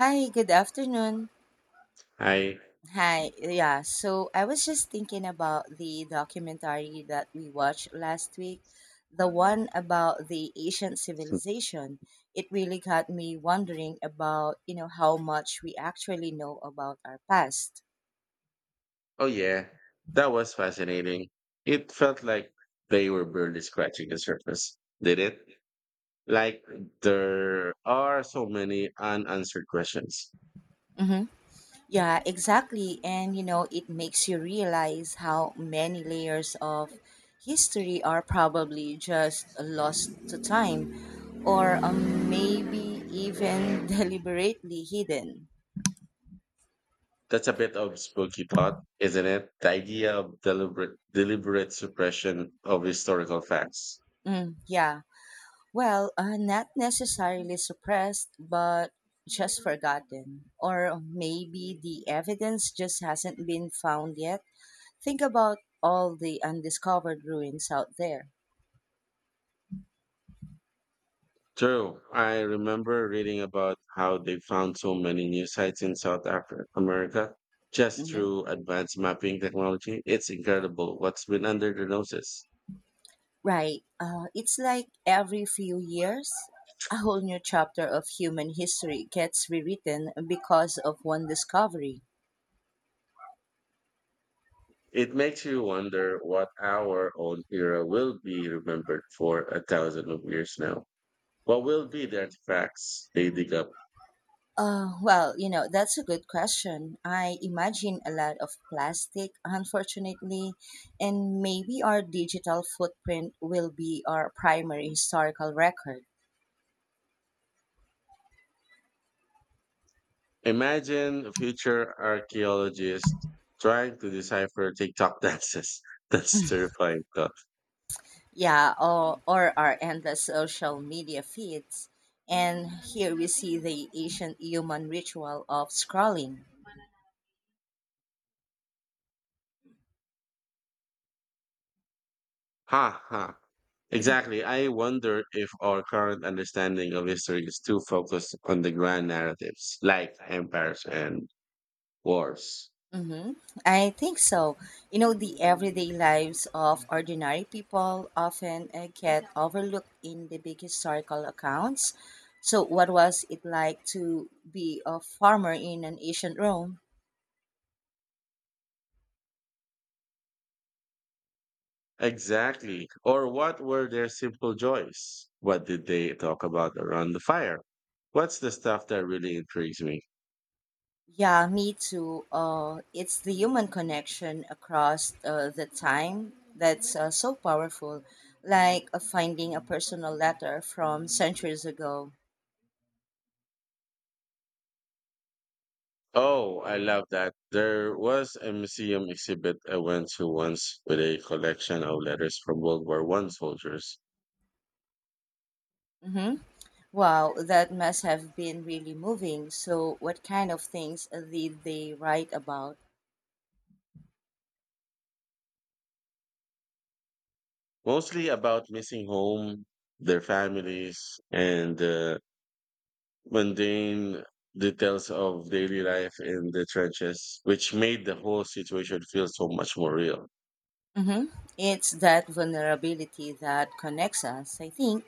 Hi, good afternoon. I, Hi, yeah. So I was just thinking about the documentary that we watched last week, the one about the ancient civilization. It really got me wondering about, you know, how much we actually know about our past. oh yeah, that was fascinating. It felt like they were barely scratching the surface, did it? Like there are so many unanswered questions. Mm-hmm. Yeah, exactly. And you know, it makes you realize how many layers of history are probably just lost to time or maybe even deliberately hidden. That's a bit of spooky thought, isn't it? The idea of deliberate suppression of historical facts. Mm, yeah. Well, not necessarily suppressed, but just forgotten. Or maybe the evidence just hasn't been found yet. Think about all the undiscovered ruins out there. True. I remember reading about how they found so many new sites in South Africa, America just Mhm. through advanced mapping technology. It's incredible what's been under their noses. Right. It's like every few years, a whole new chapter of human history gets rewritten because of one discovery. It makes you wonder what our own era will be remembered for a thousand of years now. What will be the artifacts they dig up? Well, you know, that's a good question. I imagine a lot of plastic, unfortunately, and maybe our digital footprint will be our primary historical record. Imagine future archaeologists trying to decipher TikTok dances. That's terrifying thought. Yeah, or our endless social media feeds. And here we see the ancient human ritual of scrolling. Ha ha. Exactly. I wonder if our current understanding of history is too focused on the grand narratives like empires and wars. Mm-hmm. I think so. You know, the everyday lives of ordinary people often get overlooked in the big historical accounts. So, what was it like to be a farmer in an ancient Rome? Exactly. Or what were their simple joys? What did they talk about around the fire? What's the stuff that really intrigues me? Yeah, me too. It's the human connection across the time that's so powerful, like finding a personal letter from centuries ago. Oh, I love that. There was a museum exhibit I went to once with a collection of letters from World War I soldiers, Mm-hmm. Wow, that must have been really moving. So, what kind of things did they write about? mostly about missing home, their families, and mundane details of daily life in the trenches, which made the whole situation feel so much more real. Hmm. It's that vulnerability that connects us, I think.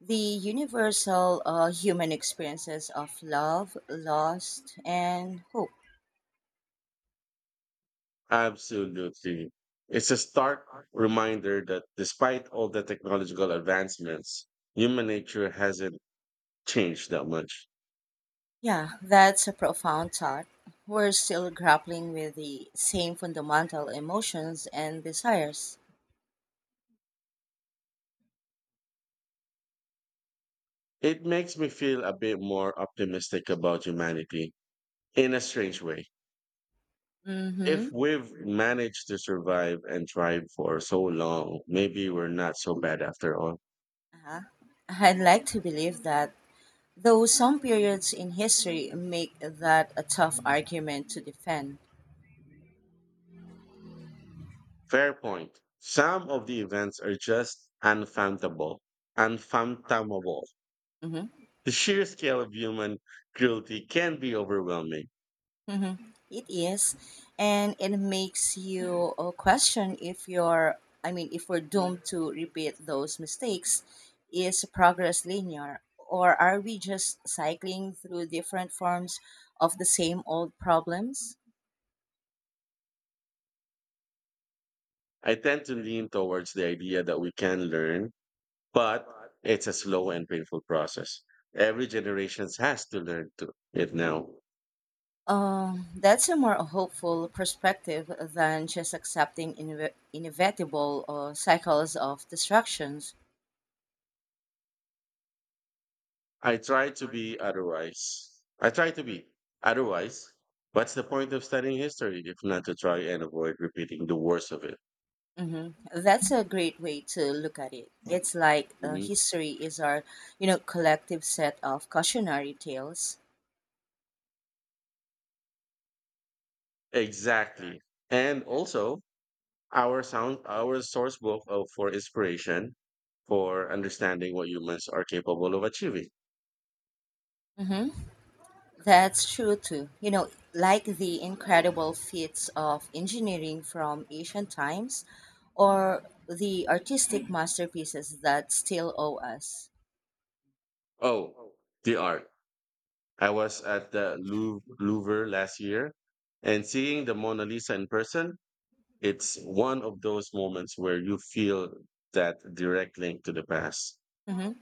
The universal human experiences of love, loss, and hope. Absolutely. It's a stark reminder that despite all the technological advancements, human nature hasn't changed that much. Yeah, that's a profound thought. We're still grappling with the same fundamental emotions and desires. It makes me feel a bit more optimistic about humanity in a strange way. Mm-hmm. If we've managed to survive and thrive for so long, maybe we're not so bad after all. Uh-huh. I'd like to believe that, though some periods in history make that a tough argument to defend. Fair point. Some of the events are just unfathomable. Unfathomable. Hmm. The sheer scale of human cruelty can be overwhelming. Hmm. It is. And it makes you question if you're, I mean, if we're doomed to repeat those mistakes, is progress linear? Or are we just cycling through different forms of the same old problems? I tend to lean towards the idea that we can learn, but it's a slow and painful process. Every generation has to learn to it now. That's a more hopeful perspective than just accepting inevitable cycles of destructions. I try to be otherwise. I try to be otherwise. What's the point of studying history if not to try and avoid repeating the worst of it? Hmm. That's a great way to look at it. It's like Mhm. history is our, you know, collective set of cautionary tales. Exactly. And also, our source book for inspiration for understanding what humans are capable of achieving. Hmm. That's true too. You know, like the incredible feats of engineering from ancient times, or the artistic masterpieces that still owe us. Oh, the art. I was at the Louvre last year and seeing the Mona Lisa in person, it's one of those moments where you feel that direct link to the past. Mm-hmm.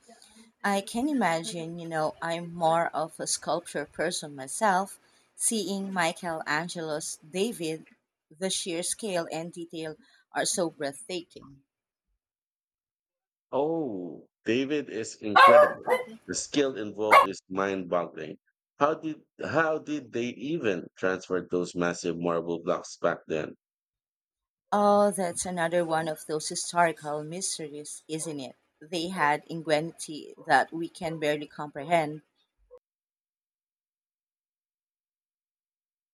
I can imagine, you know, I'm more of a sculpture person myself. Seeing Michelangelo's David, the sheer scale and detail are so breathtaking. Oh, David is incredible. The skill involved is mind-boggling. How did how did they even transfer those massive marble blocks back then? Oh, that's another one of those historical mysteries, isn't it? They had ingenuity that we can barely comprehend.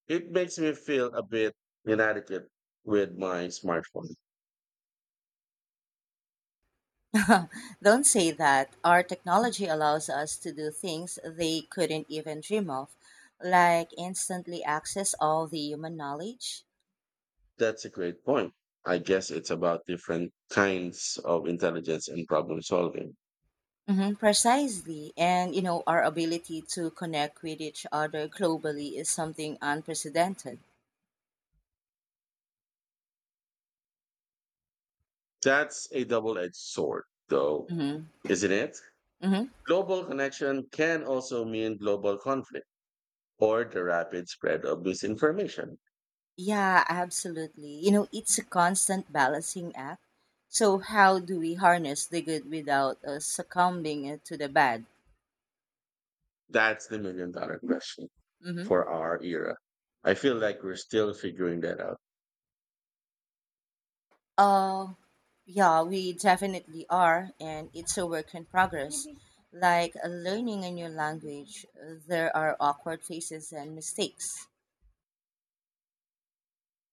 It makes me feel a bit inadequate with my smartphone. Don't say that. Our technology allows us to do things they couldn't even dream of, like instantly access all the human knowledge. That's a great point. I guess it's about different kinds of intelligence and problem solving. Hmm, precisely. And, you know, our ability to connect with each other globally is something unprecedented. That's a double edged sword, though, Hmm. isn't it? Hmm. Global connection can also mean global conflict or the rapid spread of misinformation. Yeah, absolutely. You know, it's a constant balancing act. So, how do we harness the good without succumbing to the bad? That's the million dollar question Hmm. for our era. I feel like we're still figuring that out. Uh, yeah, we definitely are. And it's a work in progress. Like learning a new language, there are awkward phases and mistakes.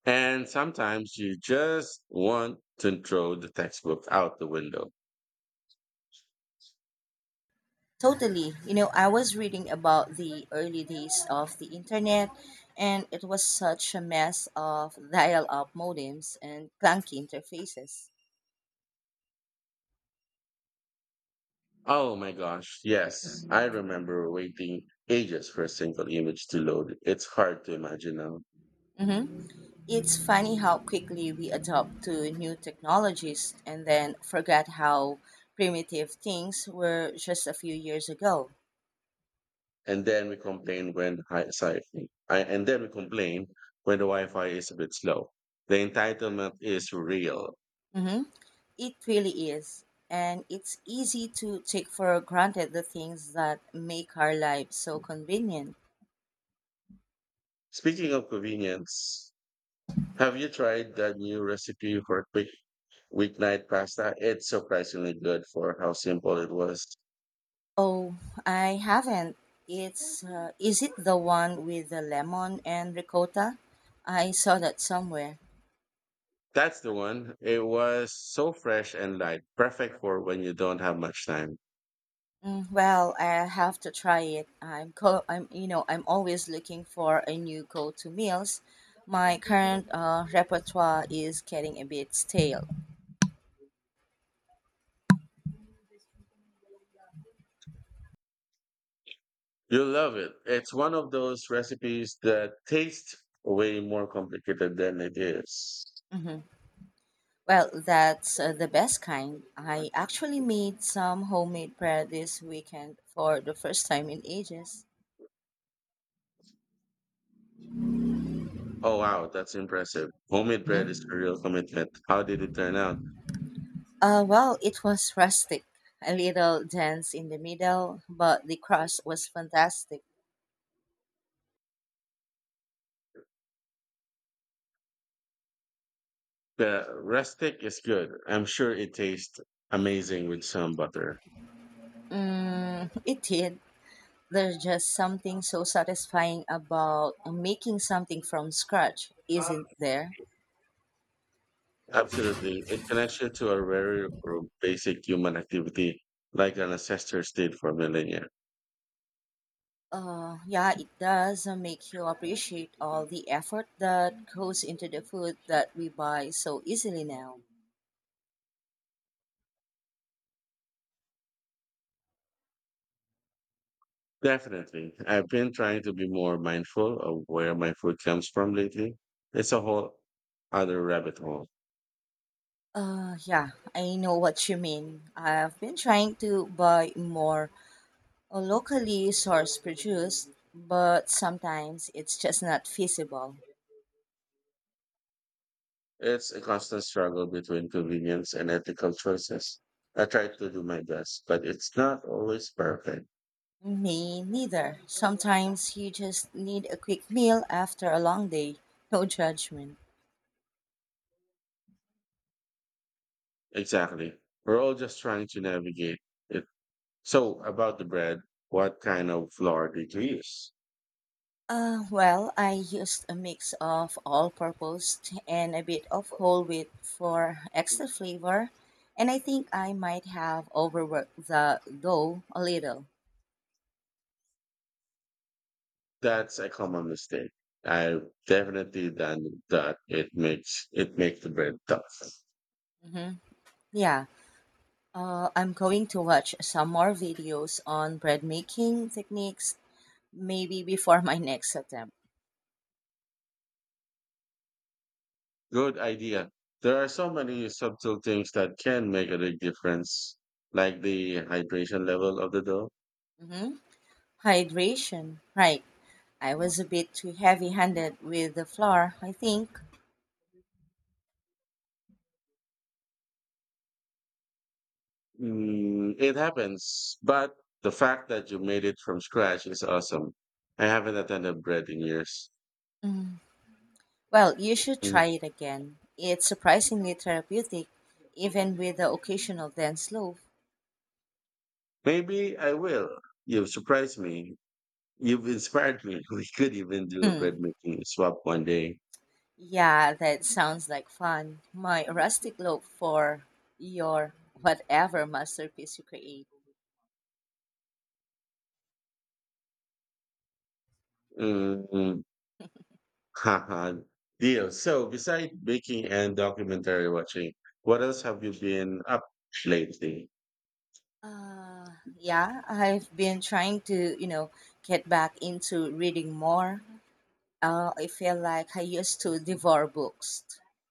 And sometimes you just want to throw the textbook out the window. Totally. You know, I was reading about the early days of the internet, and it was such a mess of dial up modems and clunky interfaces. Oh my gosh, yes. I remember waiting ages for a single image to load. It's hard to imagine now. Hmm. It's funny how quickly we adopt to new technologies and then forget how primitive things were just a few years ago. And then we complain when I, Sorry, and then we complain when the Wi-Fi is a bit slow. The entitlement is real. Hmm. It really is. And it's easy to take for granted the things that make our lives so convenient. Speaking of convenience, have you tried that new recipe for quick weeknight pasta? It's surprisingly good for how simple it was. Oh, I haven't. It's is it the one with the lemon and ricotta? I saw that somewhere. That's the one. It was so fresh and light, perfect for when you don't have much time. Mm, well, I have to try it. I'm, you know, I'm always looking for a new go-to meals. My current repertoire is getting a bit stale. You'll love it. It's one of those recipes that taste way more complicated than it is. Hmm. Well, that's the best kind. I actually made some homemade bread this weekend for the first time in ages. Oh, wow, that's impressive. Homemade bread is Mm-hmm. a real commitment. How did it turn out? Well, it was rustic, a little dense in the middle, but the crust was fantastic. The rustic is good. I'm sure it tastes amazing with some butter. Mm, it did. There's just something so satisfying about making something from scratch, isn't there? Absolutely. It connects you to a very basic human activity like an ancestor did for millennia. Yeah, it does make you appreciate all the effort that goes into the food that we buy so easily now. Definitely. I've been trying to be more mindful of where my food comes from lately. It's a whole other rabbit hole. Yeah, I know what you mean. I've been trying to buy more or locally source produced, but sometimes it's just not feasible. It's a constant struggle between convenience and ethical choices. I try to do my best, but it's not always perfect. Me neither. Sometimes you just need a quick meal after a long day. No judgment. Exactly. We're all just trying to navigate it. So, about the bread, what kind of flour did you use? Well, I used a mix of all purpose and a bit of whole wheat for extra flavor, and I think I might have overworked the dough a little. That's a common mistake. I've definitely done that. It makes the bread tough. Hmm. Yeah, I'm going to watch some more videos on bread making techniques maybe before my next attempt. Good idea. There are so many subtle things that can make a big difference, like the hydration level of the dough. Hmm. Hydration, right? I was a bit too heavy-handed with the flour, I think. Mm, it happens, but the fact that you made it from scratch is awesome. I haven't attended bread in years. Mm. Well, you should try Mm. it again. It's surprisingly therapeutic, even with the occasional dense loaf. Maybe I will. You've surprised me. You've inspired me. We could even do a Hmm. bread making swap one day. Yeah, that sounds like fun. My rustic loaf for your whatever masterpiece you create. Mm. Haha. Deal. So, besides baking and documentary watching, what else have you been up lately? Uh, yeah, I've been trying to, you know, get back into reading more. I feel like I used to devour books,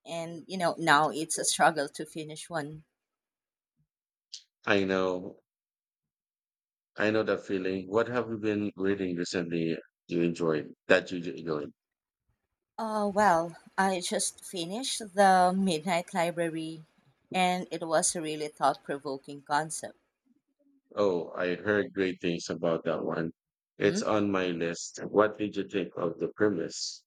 and you know now it's a struggle to finish one. I know, I know that feeling. What have you been reading recently you enjoyed that you enjoyed? Well, I just finished the Midnight Library, and it was a really thought-provoking concept. Oh, I heard great things about that one. Hmm. It's on my list. What did you think of the premise?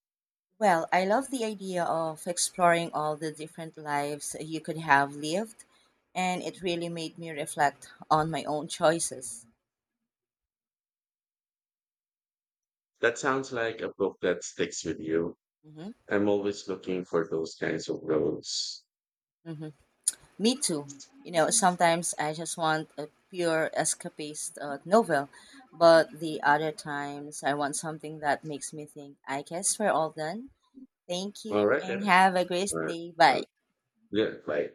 Well, I love the idea of exploring all the different lives you could have lived, and it really made me reflect on my own choices. That sounds like a book that sticks with you. Hmm. I'm always looking for those kinds of roads. Me too. You know, sometimes I just want a pure escapist novel, but the other times I want something that makes me think. I guess we're all done. Thank All you right and then. have a great All right. day. Uh, Bye. yeah, bye.